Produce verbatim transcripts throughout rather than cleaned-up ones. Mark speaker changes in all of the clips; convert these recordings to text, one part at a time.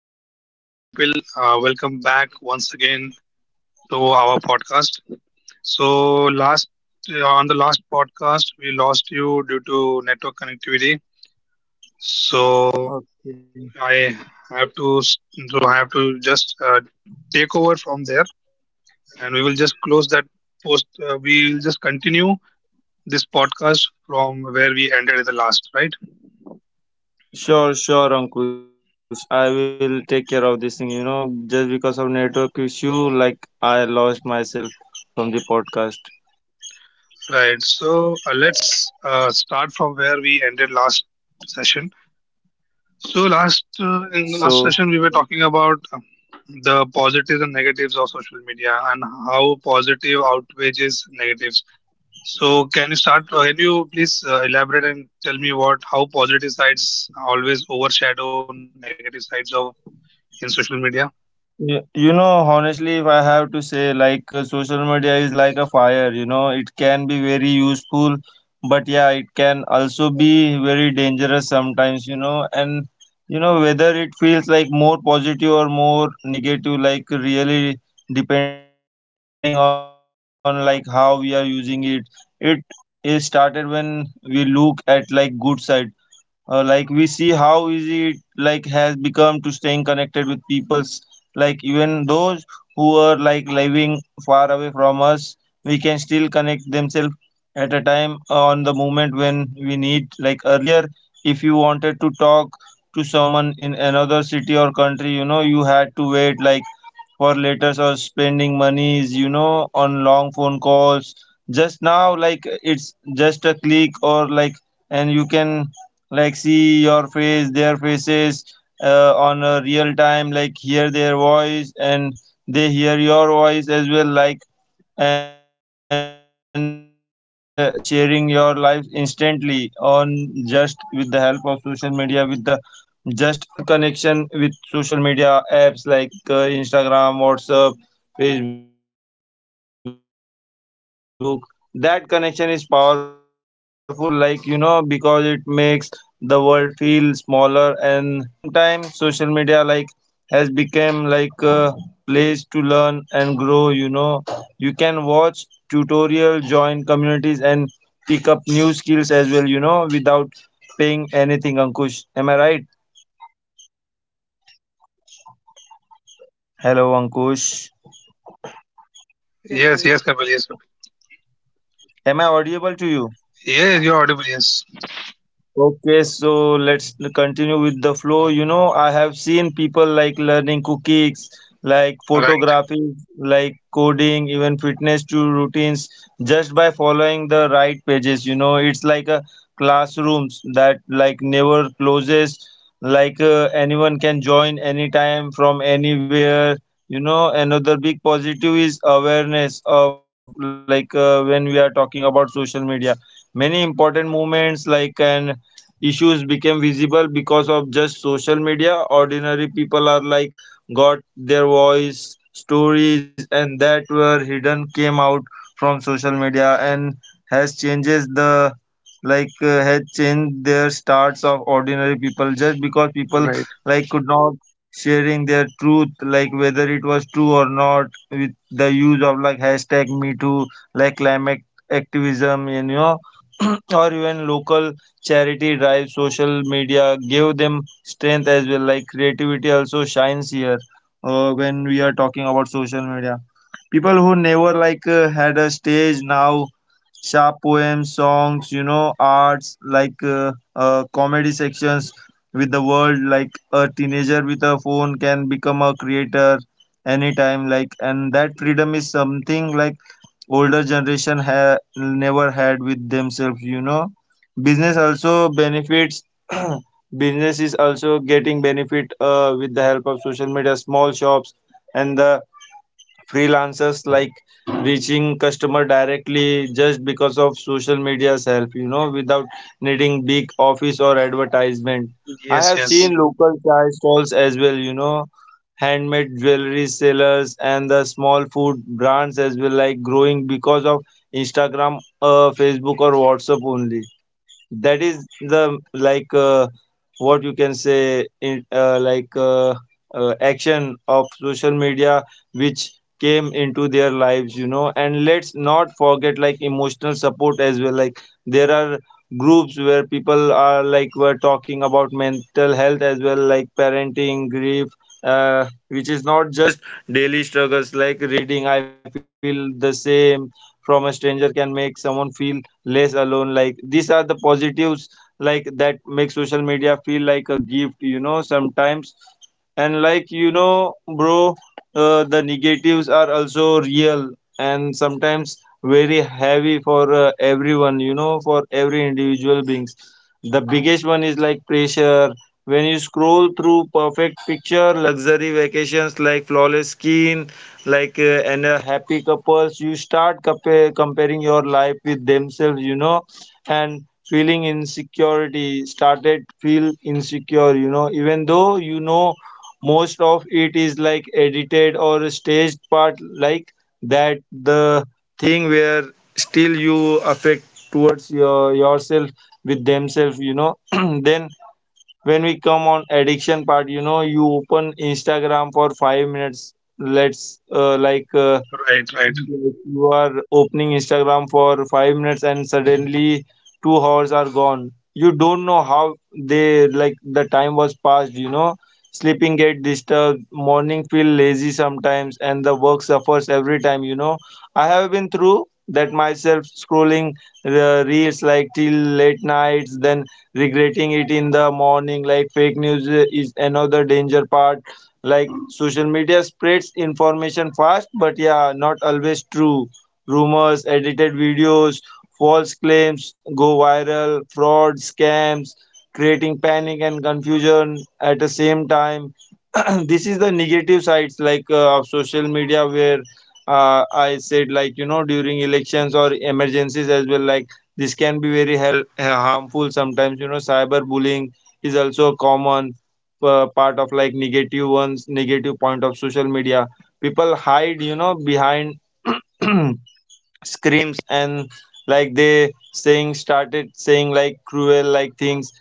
Speaker 1: hello, good morning, Kapil. Uh, welcome back once again to our podcast. So, last uh, on the last podcast, we lost you due to network connectivity. So, I
Speaker 2: Okay.
Speaker 1: have to s- so I have to just uh, take over from there, and we will just close that post. Uh, we will just continue this podcast from where we ended the last, right?
Speaker 2: Sure, sure, Ankush. I will take care of this thing. You know, just because of network issue, like I lost myself from the podcast.
Speaker 1: Right. So, uh, let's uh, start from where we ended last session. So last uh, in the
Speaker 2: So
Speaker 1: last session we were talking about uh, the positives and negatives of social media and how positive outweighs negatives. So can you start? uh, Can you please uh, elaborate and tell me what how positive sides always overshadow negative sides of in social media?
Speaker 2: Yeah, You know, honestly, if I have to say, like uh, social media is like a fire, you know, it can be very useful, but yeah, it can also be very dangerous sometimes, you know, and you know, whether it feels like more positive or more negative, like really depending on like how we are using it. It is started when we look at like good side, uh, like we see how easy it like has become to staying connected with peoples, like even those who are like living far away from us. We can still connect themselves at a time, uh, on the moment when we need, like earlier, if you wanted to talk to someone in another city or country, you know you had to wait like for letters or spending monies, you know, on long phone calls. Just now, like it's just a click or like, and you can like see your face, their faces, uh, on a real time, like hear their voice and they hear your voice as well, like and uh, sharing your life instantly on just with the help of social media with the just connection with social media apps like uh, Instagram, WhatsApp, Facebook. That connection is powerful, like, you know because it makes the world feel smaller and in the terms of relationship feel closer, you know at the same time social media like has become like a place to learn and grow, you know you can watch tutorial, join communities, and pick up new skills as well, you know without paying anything, Ankush. Am I right? Hello, Ankush.
Speaker 1: Yes, Yes, yes. yes, Kapil, yes, Kapil.
Speaker 2: Am I audible to you?
Speaker 1: Yes, you're audible. Yes,
Speaker 2: Okay, so let's continue with the flow. You know, I have seen people like learning cookies, like
Speaker 1: right,
Speaker 2: photography, like coding, even fitness to routines just by following the right pages. You know, it's like a classrooms that like never closes, like uh, anyone can join anytime from anywhere. You know, another big positive is awareness of, like uh, when we are talking about social media. Many important movements like an issues became visible because of just social media. Ordinary people are like got their voice, stories, and that were hidden came out from social media and has changes the, like uh, had changed their starts of ordinary people just because people
Speaker 1: right.
Speaker 2: like could not sharing their truth, like whether it was true or not, with the use of like hashtag me too, like climate activism, you know or even local charity drive, social media give them strength as well. Like creativity also shines here, uh, when we are talking about social media. People who never like uh, had a stage now sharp poems, songs, you know arts like uh, uh, comedy sections with the world. Like a teenager with a phone can become a creator anytime like, and that freedom is something like older generation ha- never had with themselves, you know business also benefits. Business is also getting benefit, uh, with the help of social media. Small shops and the freelancers like reaching customer directly just because of social media's help, you know without needing big office or advertisement. I have
Speaker 1: Yes, yes,
Speaker 2: seen local chai stalls as well, you know handmade jewelry sellers and the small food brands as well, like growing because of Instagram, uh, Facebook or WhatsApp only. That is the, like uh, what you can say in, uh, like uh, uh, action of social media which came into their lives, you know and let's not forget like emotional support as well. Like, there are groups where people are like were talking about mental health as well, like parenting, grief, uh, which is not just daily struggles. Like reading I feel the same from a stranger can make someone feel less alone. Like, these are the positives, like that make social media feel like a gift, you know sometimes. And like, you know bro, uh, the negatives are also real, and sometimes very heavy for, uh, everyone, you know for every individual beings. The biggest one is like pressure. When you scroll through perfect picture, luxury vacations, like flawless skin, like uh, and uh, happy couples, you start compa- comparing your life with themselves, you know and feeling insecurity, started feel insecure, you know even though you know most of it is like edited or staged part, like that, the thing where still you affect towards your yourself with themselves, you know then when we come on addiction part, you know you open Instagram for five minutes, let's uh, like uh,
Speaker 1: right, right.
Speaker 2: like, you are opening Instagram for five minutes and suddenly two hours are gone. You don't know how they like the time was passed, you know. sleeping get disturbed, morning feel lazy sometimes, and the work suffers every time, you know. I have been through that myself scrolling the reels like till late nights, then regretting it in the morning. Like fake news is another danger part, like social media spreads information fast but yeah not always true. Rumors, edited videos, false claims go viral, fraud scams creating panic and confusion at the same time. This is the negative sides like uh, of social media where uh, I said like you know during elections or emergencies as well, like this can be very hel- harmful sometimes, you know cyber bullying is also common, uh, part of like negative ones, negative point of social media. People hide, you know behind screams, and like they saying started saying like cruel like things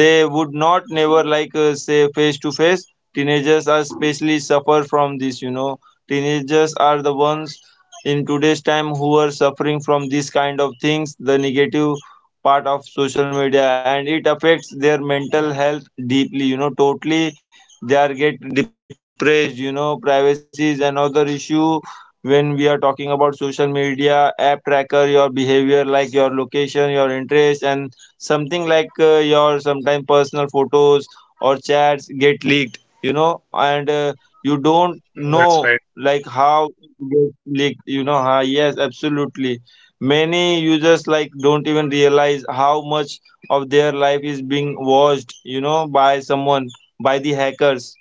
Speaker 2: they would not never like uh, say face to face. Teenagers are especially suffer from this, you know teenagers are the ones in today's time who are suffering from this kind of things, the negative part of social media, and it affects their mental health deeply, you know totally they are get depressed, you know privacies another issue when we are talking about social media app tracker your behavior, like your location, your interest, and something like uh, your sometimes personal photos or chats get leaked, you know and uh, you don't
Speaker 1: That's
Speaker 2: know
Speaker 1: right.
Speaker 2: like how it get leaked, you know huh? Yes, absolutely. Many users like don't even realize how much of their life is being watched, you know by someone, by the hackers.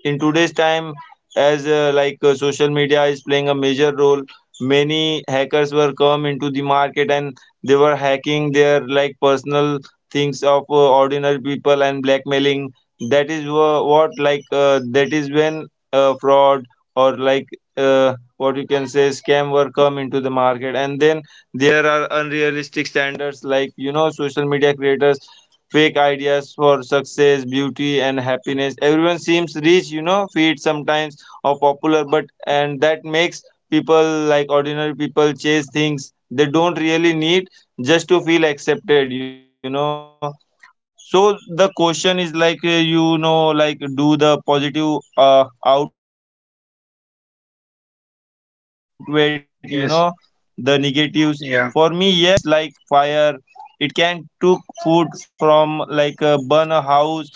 Speaker 2: In today's time, as uh, like uh, social media is playing a major role, many hackers were come into the market and they were hacking their like personal things of uh, ordinary people and blackmailing. That is wha- what like, uh, that is when uh, fraud or like uh, what you can say scam were come into the market. And then there are unrealistic standards, like you know social media creators fake ideas for success, beauty, and happiness. Everyone seems rich, you know, fit sometimes or popular, but and that makes people like ordinary people chase things they don't really need just to feel accepted, you know. so the question is like uh, you know, like do the positive uh, outweigh you know the negatives? For me, yes, but like
Speaker 1: Yes,
Speaker 2: uh, only if we use social
Speaker 1: yeah,
Speaker 2: media wisely. It's like fire, it can cook food from, like, a burn a house,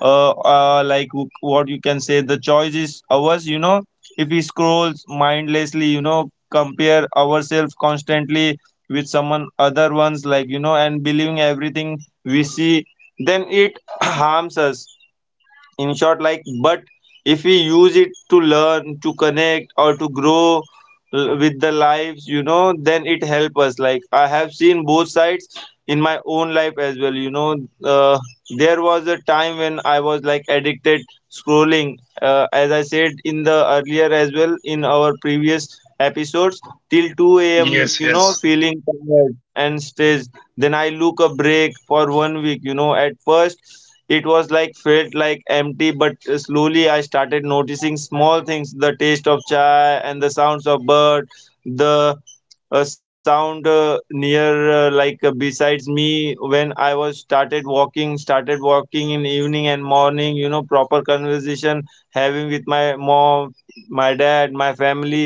Speaker 2: uh, uh like w- what you can say, the choice is ours, you know if we scrolls mindlessly, you know compare ourselves constantly with someone other ones like, you know and believing everything we see then it harms us in short, like. But if we use it to learn, to connect, or to grow, l- with the lives, you know then it help us like I have seen both sides in my own life as well, you know uh, there was a time when I was like addicted scrolling, uh, as I said in the earlier as well, in our previous episodes, till two a m a.m, you
Speaker 1: yes,
Speaker 2: know
Speaker 1: yes.
Speaker 2: feeling tired and stressed, then I look a break for one week, you know at first it was like felt like empty, but slowly I started noticing small things: the taste of chai and the sounds of bird, the a sound, uh, near, uh, like uh, besides me when I was started walking, started walking in evening and morning, you know proper conversation having with my mom, my dad, my family,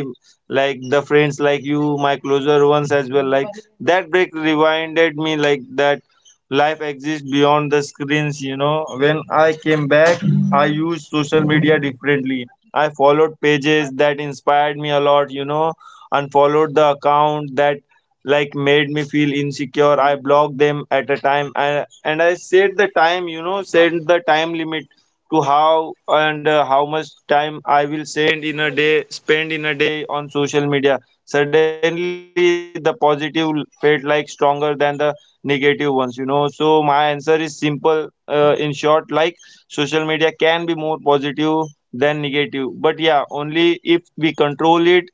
Speaker 2: like the friends, like you, my closer ones as well, like that break reminded me like that life exists beyond the screens, you know when I came back I used social media differently. I followed pages that inspired me a lot, you know unfollowed the account that like made me feel insecure. I blocked them at a time I, and I set the time, you know, set the time limit to how and uh, how much time I will send in a day, spend in a day on social media. Suddenly, the positive felt like stronger than the negative ones, you know. So, my answer is simple uh, in short, like social media can be more positive than negative, but yeah, only if we control it.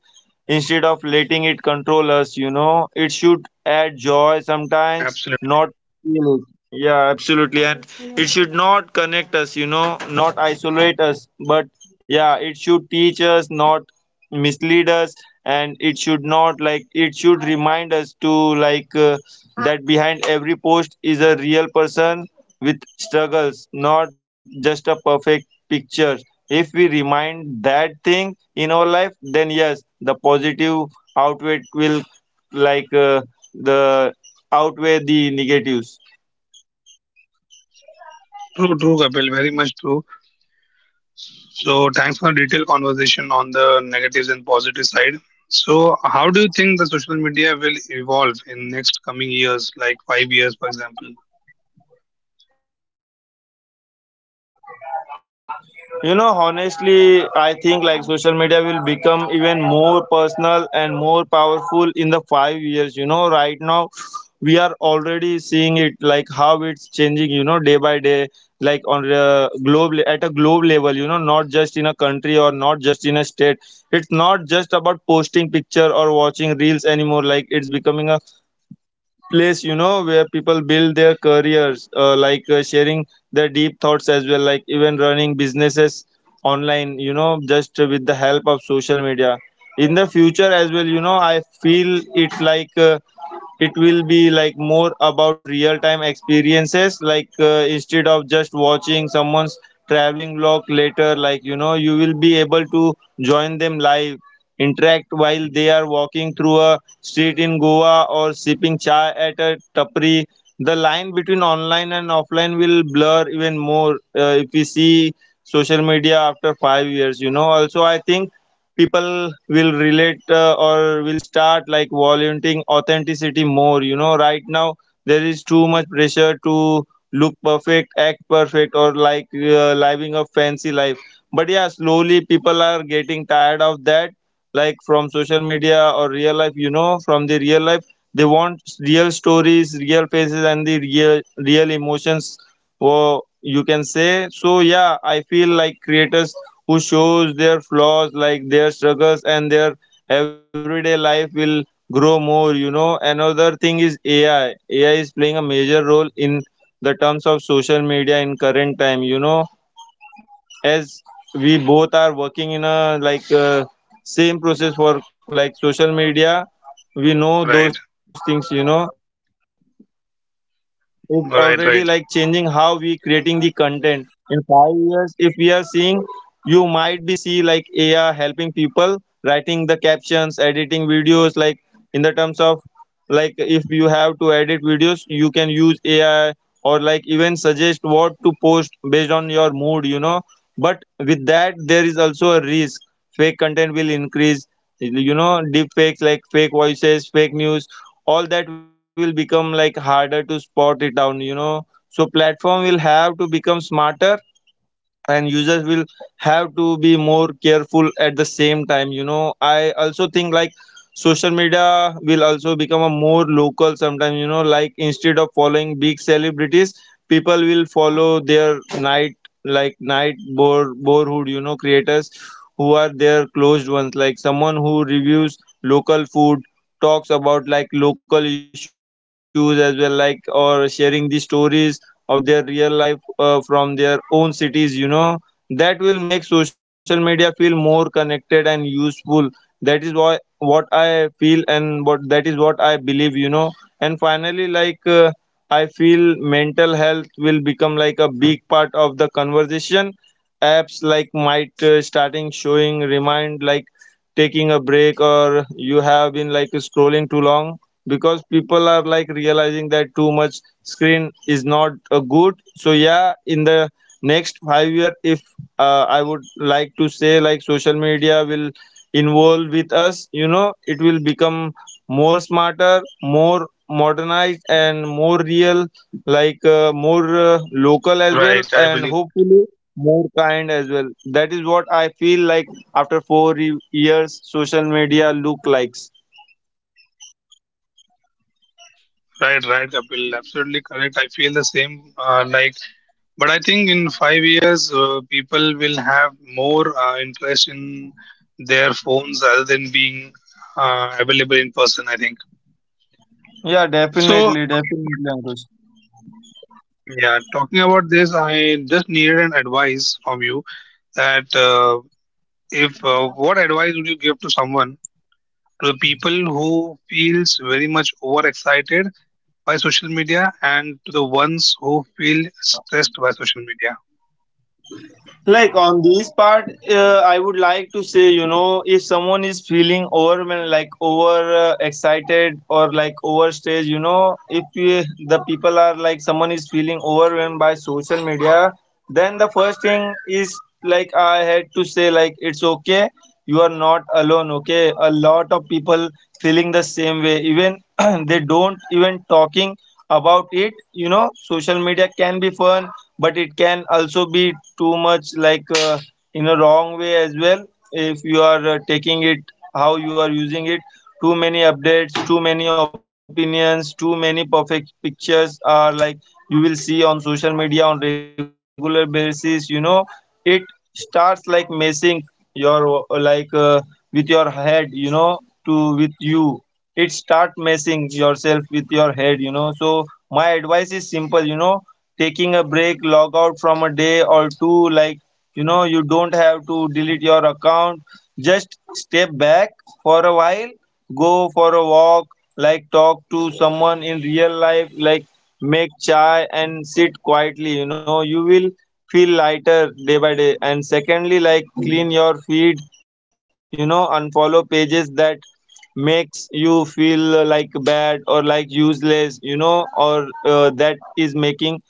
Speaker 2: Instead of letting it control us, you know, it should add joy sometimes,
Speaker 1: Absolutely.
Speaker 2: not feel it. Yeah, absolutely. And it should not connect us, you know, not isolate us. But yeah, it should teach us, not mislead us. And it should not like, it should remind us to like uh, that behind every post is a real person with struggles, not just a perfect picture. If we remind that thing in our life, then yes the positive outweigh will like uh, the outweigh the negatives.
Speaker 1: True, true, Kapil. Very much true. So thanks for a detailed conversation on the negatives and positive side. So how do you think the social media will evolve in next coming years, like five years, for example?
Speaker 2: You know, honestly, I think like social media will become even more personal and more powerful in the five years. You know, right now we are already seeing it like how it's changing. You know, day by day, like on uh, globe le- at a globe level. You know, not just in a country or not just in a state. It's not just about posting picture or watching reels anymore. Like it's becoming a place, you know, where people build their careers, uh, like uh, sharing their deep thoughts as well, like even running businesses online, you know, just with the help of social media in the future as well. You know, I feel it like uh, it will be like more about real time experiences, like uh, instead of just watching someone's traveling vlog later, like, you know, you will be able to join them live, interact while they are walking through a street in Goa or sipping chai at a tapri. The line between online and offline will blur even more, uh, if we see social media after five years. You know, also, I think people will relate uh, or will start like volunteering authenticity more. You know, right now there is too much pressure to look perfect, act perfect, or like uh, living a fancy life. But yeah, slowly people are getting tired of that, like from social media or real life, you know, from the real life they want real stories, real faces, and the real real emotions, wo- you can say. So yeah, I feel like creators who shows their flaws, like their struggles and their everyday life, will grow more. You know, another thing is ai AI is playing a major role in the terms of social media in current time, you know. As we both are working in a like uh, same process for like social media, we know those
Speaker 1: Right,
Speaker 2: things, you know. It's already like changing how we creating the
Speaker 1: right, right,
Speaker 2: content. In five years, if we are seeing, you might be see like AI helping people writing the captions, editing videos, like in the terms of like if you have to edit videos, you can use AI, or like even suggest what to post based on your mood, you know. But with that there is also a risk: fake content will increase, you know, deep fakes like fake voices, fake news. All that will become like harder to spot it down, you know. So platform will have to become smarter and users will have to be more careful. At the same time, you know, I also think like social media will also become a more local sometimes. You know, like instead of following big celebrities, people will follow their night, like night bore borehood, you know, creators who are their closed ones, like someone who reviews local food, talks about like local issues as well, like or sharing the stories of their real life, uh, from their own cities, you know. That will make social media feel more connected and useful. That is why, what i feel and what that is what I believe, you know. And finally, like uh, I feel mental health will become like a big part of the conversation. Apps like might uh, starting showing remind like taking a break or you have been like scrolling too long because people are like realizing that too much screen is not uh, good. So yeah, in the next five year, if uh, I would like to say like social media will involve with us, you know. It will become more smarter, more modernized, and more real, like uh, more uh, local as well,
Speaker 1: right. I
Speaker 2: and
Speaker 1: believe that.
Speaker 2: hopefully more kind as well. That is what I feel like after four ye- years social media look likes.
Speaker 1: Right, right, Kapil. Absolutely correct. I feel the same. Uh, like, but I think in five years, uh, people will have more uh, interest in their phones rather than being uh, available in person. I think.
Speaker 2: Yeah,
Speaker 1: So, uh,
Speaker 2: definitely,
Speaker 1: talking about
Speaker 2: definitely,
Speaker 1: this
Speaker 2: Ankush.
Speaker 1: Yeah, talking about this, I just needed an advice from you that uh, if uh, what advice would you give to someone, to the people who feels very much overexcited by social media and to the ones who feel stressed by social media?
Speaker 2: Like on this part, uh, I would like to say, you know, if someone is feeling overwhelmed, like over uh, excited or like overstressed, you know, if uh, the people are like someone is feeling overwhelmed by social media, then the first thing is like I had to say like it's okay, you are not alone. Okay, a lot of people feeling the same way, even they don't even talking about it, you know. Social media can be fun, but it can also be too much, like uh, in a wrong way as well, if you are uh, taking it how you are using it. Too many updates, too many opinions, too many perfect pictures are like you will see on social media on regular basis, you know. It starts like messing your uh, like uh, with your head, you know. To with you It start messing yourself with your head, you know. So my advice is simple, you know: taking a break, log out from a day or two. Like, you know, you don't have to delete your account. Just step back for a while, go for a walk, like, talk to someone in real life, like, make chai and sit quietly. You know, you will feel lighter day by day. And secondly, like, clean your feed, you know, unfollow pages that makes you feel uh, like bad or like useless, you know, or uh, that is making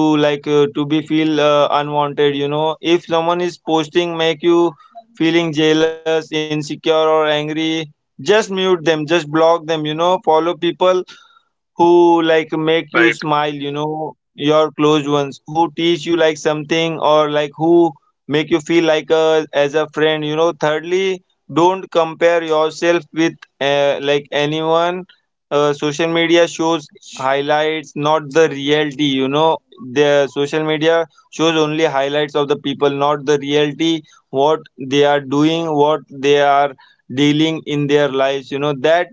Speaker 2: to like uh, to be feel uh, unwanted, you know. If someone is posting make you feeling jealous, insecure, or angry, just mute them, just block them, you know. Follow people who like make you
Speaker 1: Right,
Speaker 2: smile, you know, your close ones who teach you like something, or like who make you feel like a as a friend, you know. Thirdly, don't compare yourself with uh, like anyone. Uh, social media shows highlights, not the reality, you know. The social media shows only highlights of the people, not the reality, what they are doing, what they are dealing in their lives, you know. That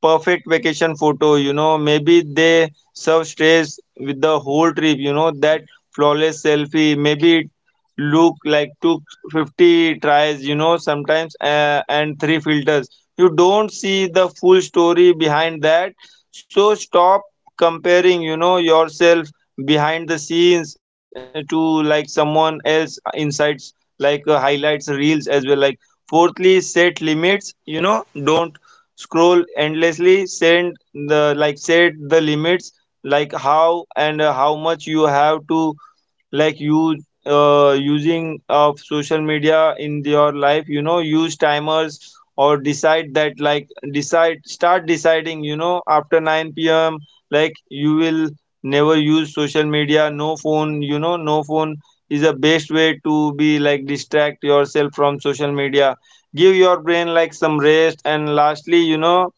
Speaker 2: perfect vacation photo, you know, maybe they serve stress with the whole trip, you know. That flawless selfie, maybe it look like took fifty tries, you know, sometimes uh, and three filters. You don't see the full story behind that. So stop comparing, you know, yourself behind the scenes to like someone else insights, like uh, highlights reels as well. Like, fourthly, set limits, you know. Don't scroll endlessly, send the like set the limits, like how and how much you have to like use uh, using of social media in your life, you know. Use timers or decide that, like decide start deciding, you know, after nine p.m. like you will never use social media, no phone, you know. No phone is the best way to be like distract yourself from social media, give your brain like some rest. And lastly, you know,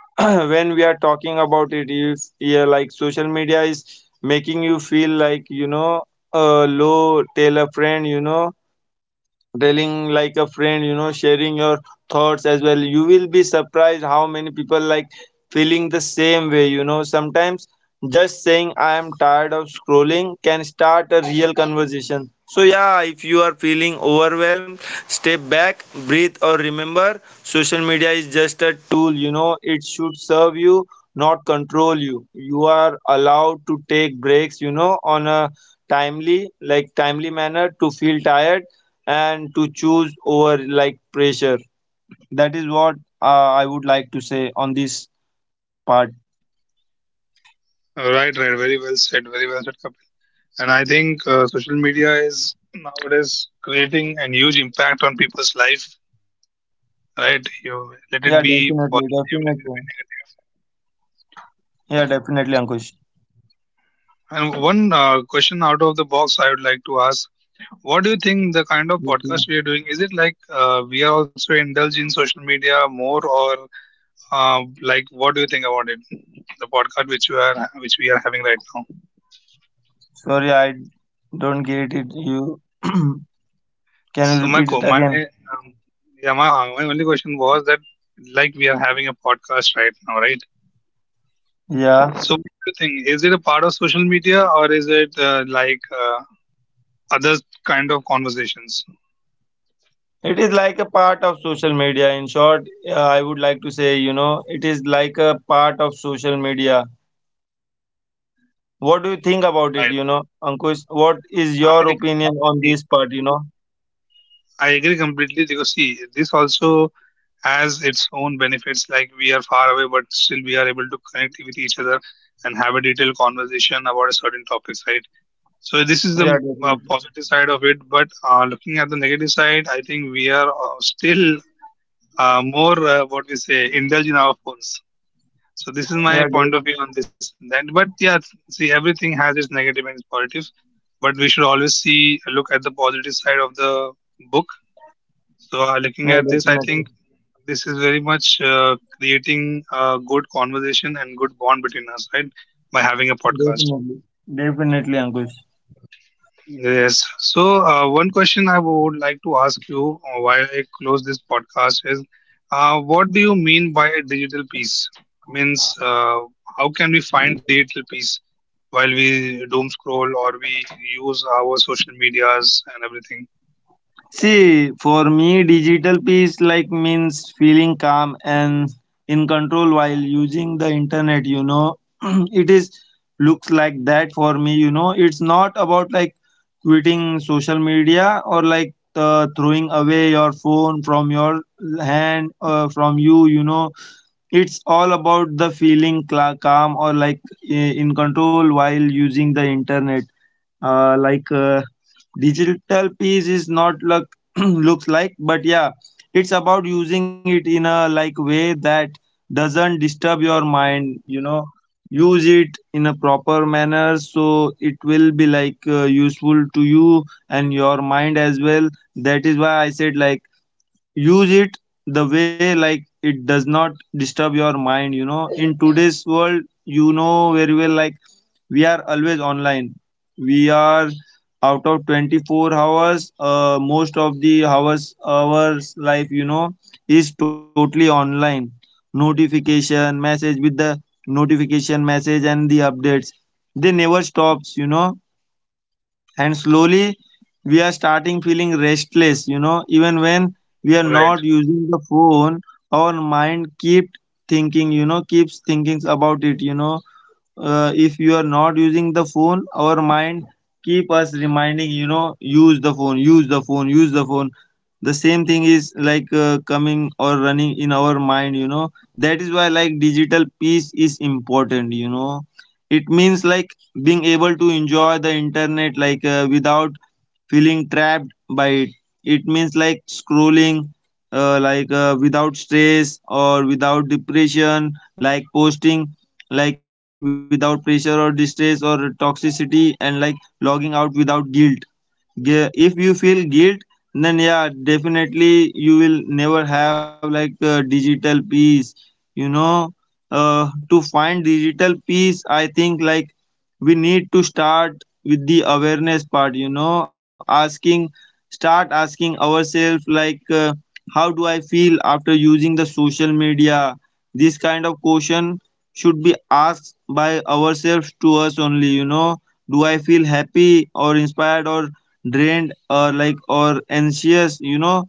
Speaker 2: when we are talking about it, if yeah like social media is making you feel like, you know, uh, low, tell a friend, you know, telling like a friend, you know. Sharing your thoughts as well, you will be surprised how many people like feeling the same way, you know. Sometimes just saying I am tired of scrolling can start a real conversation. So yeah, if you are feeling overwhelmed, step back, breathe, or remember social media is just a tool, you know. It should serve you, not control you. You are allowed to take breaks, you know, on a timely like timely manner, to feel tired and to choose over like pressure. That is what, uh, I would like to say on this part.
Speaker 1: right, right. Very well said. Very well said, Kapil. And I think uh, social media is nowadays creating a huge impact on people's life. Right,
Speaker 2: Yeah,
Speaker 1: you let it
Speaker 2: definitely,
Speaker 1: be
Speaker 2: definitely.
Speaker 1: positive, let it be negative.
Speaker 2: Yeah, definitely, Ankush.
Speaker 1: And one uh, question out of the box I would like to ask. What do you think the kind of
Speaker 2: Okay.
Speaker 1: podcast we are doing? Is it like uh, we are also indulged in social media more, or uh, like what do you think about it? The podcast which you are which we are having right now.
Speaker 2: Sorry, I don't get it. You can you
Speaker 1: So my
Speaker 2: repeat
Speaker 1: co-
Speaker 2: it
Speaker 1: my
Speaker 2: again?
Speaker 1: um, yeah my, uh, my only question was that like we are having a podcast right now, right?
Speaker 2: Yeah,
Speaker 1: So what do you think? Is it a part of social media or is it uh, like uh, other kind of conversations?
Speaker 2: it is like a part of social media. In short, uh, I would like to say, you know, it is like a part of social media. What do you think about it?
Speaker 1: I
Speaker 2: You
Speaker 1: read.
Speaker 2: know, Ankush, what is
Speaker 1: I
Speaker 2: your
Speaker 1: agree. I
Speaker 2: opinion on
Speaker 1: agree.
Speaker 2: this part? You know,
Speaker 1: I agree completely because see, this also has its own benefits. Like we are far away, but still we are able to connect with each other and have a detailed conversation about a certain topics, right? So this is
Speaker 2: yeah,
Speaker 1: the uh,
Speaker 2: definitely.
Speaker 1: positive side of it. But uh, looking at the negative side, I think we are uh, still uh, more uh, what we say indulge in our phones. So this is
Speaker 2: Yeah,
Speaker 1: my point of view on this and that. But yeah, see, everything has its negative and its positive. But we should always see look at the positive side of the book. So, uh, looking
Speaker 2: Yeah,
Speaker 1: at this, I
Speaker 2: definitely.
Speaker 1: think this is very much uh, creating a good conversation and good bond between us, right? By having a podcast.
Speaker 2: Definitely. Definitely, Ankush.
Speaker 1: Yes. So, uh, one question I would like to ask you uh, while I close this podcast is, uh, what do you mean by a digital peace? Means, uh, how can we find digital peace while we doom scroll or we use our social medias and everything?
Speaker 2: See, for me, digital peace like means feeling calm and in control while using the internet, you know. It is looks like that for me, you know. It's not about like quitting social media or like uh, throwing away your phone from your hand uh, from you, you know. It's all about the feeling cla calm or like i- in control while using the internet uh, like uh, digital piece is not look looks like, but yeah, it's about using it in a like way that doesn't disturb your mind, you know. Use it in a proper manner, so it will be like uh, useful to you and your mind as well. That is why I said, like, use it the way like it does not disturb your mind, you know. In today's world, you know very well, like, we are always online. We are out of twenty-four hours, uh, most of the hours hours life, you know, is totally online. notification message with the Notification message and the updates, they never stops, you know. And slowly we are starting feeling restless, you know, even when we are
Speaker 1: Right,
Speaker 2: not using the phone, our mind keep thinking, you know, keeps thinking about it, you know. Uh, if you are not using the phone, our mind keep us reminding, you know, use the phone, use the phone, use the phone. The same thing is like uh, coming or running in our mind, you know. That is why, like, digital peace is important, you know. It means, like, being able to enjoy the internet like uh, without feeling trapped by it. It means, like, scrolling uh, like uh, without stress or without depression, like posting like without pressure or distress or toxicity, and like logging out without guilt. Yeah, if you feel guilt, then yeah, definitely you will never have like uh, digital peace, you know. Uh, to find digital peace, I think, like, we need to start with the awareness part, you know. Asking, start asking ourselves, like, uh, how do I feel after using the social media? This kind of question should be asked by ourselves to us only, you know. Do I feel happy or inspired or drained or like or anxious, you know?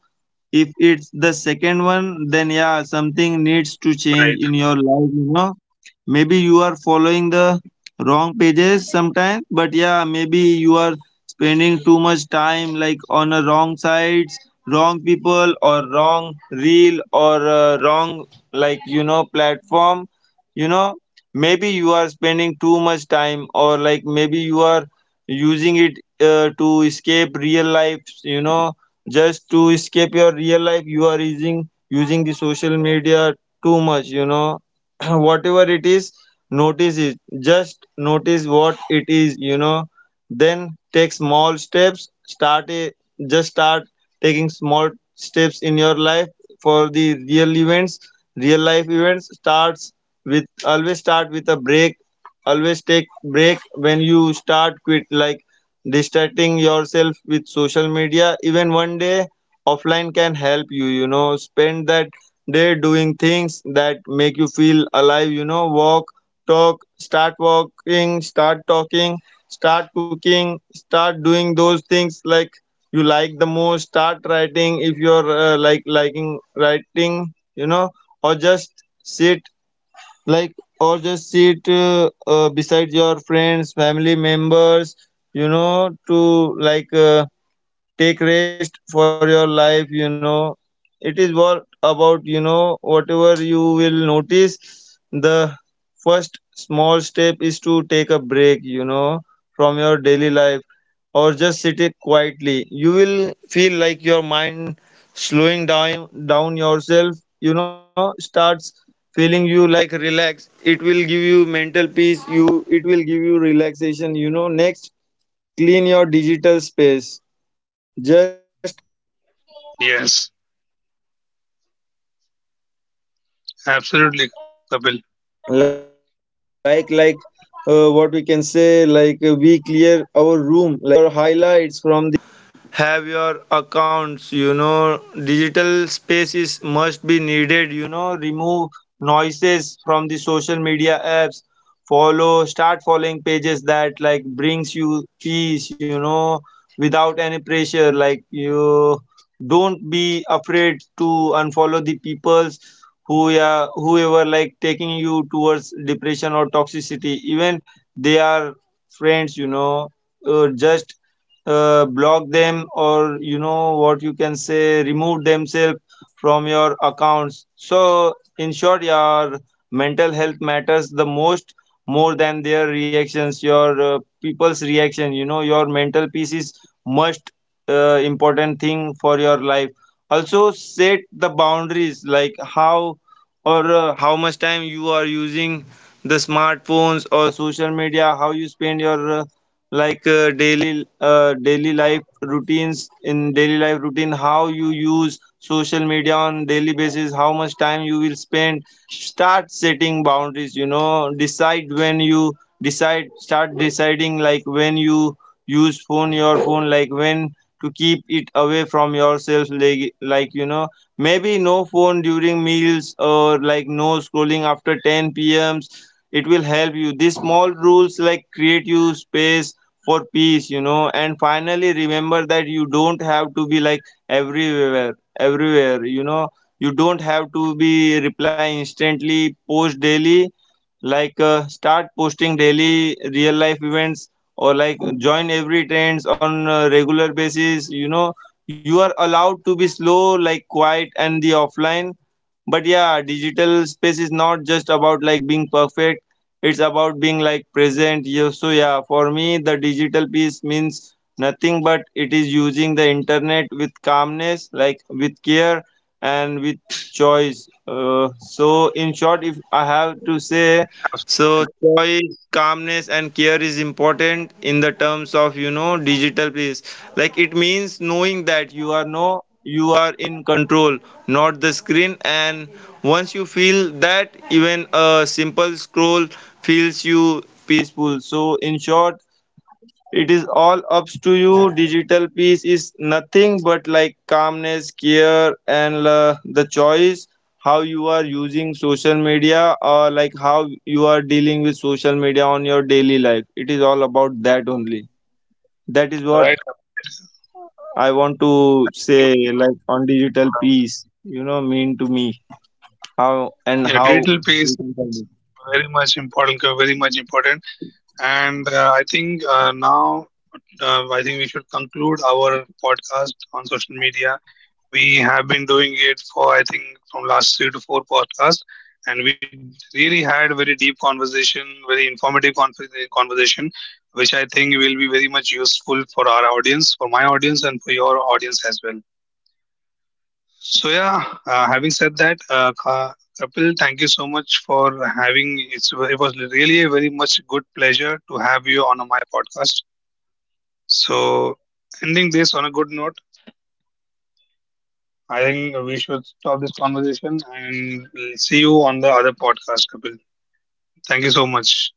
Speaker 2: If it's the second one, then yeah, something needs to
Speaker 1: right.
Speaker 2: change in your life, you know. Maybe you are following the wrong pages sometimes, but yeah, maybe you are spending too much time like on a wrong sites, wrong people, or wrong reel, or uh, wrong like, you know, platform. You know, maybe you are spending too much time, or like maybe you are using it uh, to escape real life. You know, just to escape your real life, you are using using the social media too much, you know. whatever it is, notice it, just notice what it is, you know. Then take small steps, start a, just start taking small steps in your life. For the real events, real life events starts with, always start with a break. Always take break when you start, quit like distracting yourself with social media. Even one day offline can help you, you know. Spend that day doing things that make you feel alive, you know. Walk, talk, start walking, start talking, start cooking, start doing those things like you like the most. Start writing if you're uh, like liking writing, you know. or just sit like or just sit uh, uh, beside your friends, family members, you know, to like uh, take rest for your life, you know. It is what about, you know, whatever you will notice. The first small step is to take a break, you know, from your daily life. Or just sit it quietly, you will feel like your mind slowing down, down yourself, you know, starts feeling you like relax. It will give you mental peace, you, it will give you relaxation, you know. Next, clean your digital
Speaker 1: Yes,
Speaker 2: space. Just
Speaker 1: absolutely, Kapil.
Speaker 2: like like uh, what we can say, like, uh, we clear our room, like, you know, clean your feed, your stories, your highlights from the platforms that where you are like uh, have your accounts, you know. Digital spaces must be needed, you know. Remove noises from the social media apps. Follow, start following pages that like brings you peace, you know, without any pressure. Like, you don't be afraid to unfollow the peoples who, yeah, whoever like taking you towards depression or toxicity, even they are friends, you know. Uh, just uh, block them, or you know what you can say, remove themselves from your accounts. So in short, your mental health matters the most, more than their reactions, your uh, people's reaction, you know. Your mental peace is most uh, important thing for your life. Also, set the boundaries, like how, or uh, how much time you are using the smartphones or social media, how you spend your uh, like uh, daily, uh, daily life routines, in daily life routine how you use social media on daily basis, how much time you will spend. Start setting boundaries, you know. Decide when you, decide start deciding like when you use phone, your phone, like when to keep it away from yourself, like, like you know, maybe no phone during meals, or like no scrolling after ten p m. It will help you. These small rules like create you space for peace, you know. And finally, remember that you don't have to be like everywhere, everywhere, you know. You don't have to be reply instantly, post daily, like uh, start posting daily real life events, or like join every trends on a regular basis, you know. You are allowed to be slow, like quiet and the offline. But yeah, digital space is not just about like being perfect, it's about being like present. Yeah, so yeah, for me the digital piece means nothing but it is using the internet with calmness, like with care and with choice. Uh, so in short, if I have to say,
Speaker 1: Absolutely.
Speaker 2: so choice, calmness, and care is important in the terms of, you know, digital peace. Like it means knowing that you are no, you are in control, not the screen. And once you feel that, even a simple scroll feels you peaceful. So in short, it is all up to you. Digital peace is nothing but like calmness, care, and uh, the choice, how you are using social media, or like how you are dealing with social media on your daily life. It is all about that only. That is what
Speaker 1: Right, Kapil, right.
Speaker 2: I want to
Speaker 1: I agree
Speaker 2: say,
Speaker 1: with you.
Speaker 2: like, on digital
Speaker 1: Right.
Speaker 2: peace, you know, mean to me, how and
Speaker 1: Yeah,
Speaker 2: how
Speaker 1: digital
Speaker 2: we
Speaker 1: piece
Speaker 2: can solve
Speaker 1: is
Speaker 2: it.
Speaker 1: very much important, very much important. And uh, I think uh, now, uh, I think we should conclude our podcast on social media. We have been doing it for, I think, from last three to four podcasts. And we really had a very deep conversation, very informative con- conversation, which I think will be very much useful for our audience, for my audience, and for your audience as well. So yeah, uh, having said that, uh, Ka- Kapil, thank you so much for having. It's, it was really a very much good pleasure to have you on my podcast. So ending this on a good note, I think we should stop this conversation and see you on the other podcast, Kapil. Thank you so much.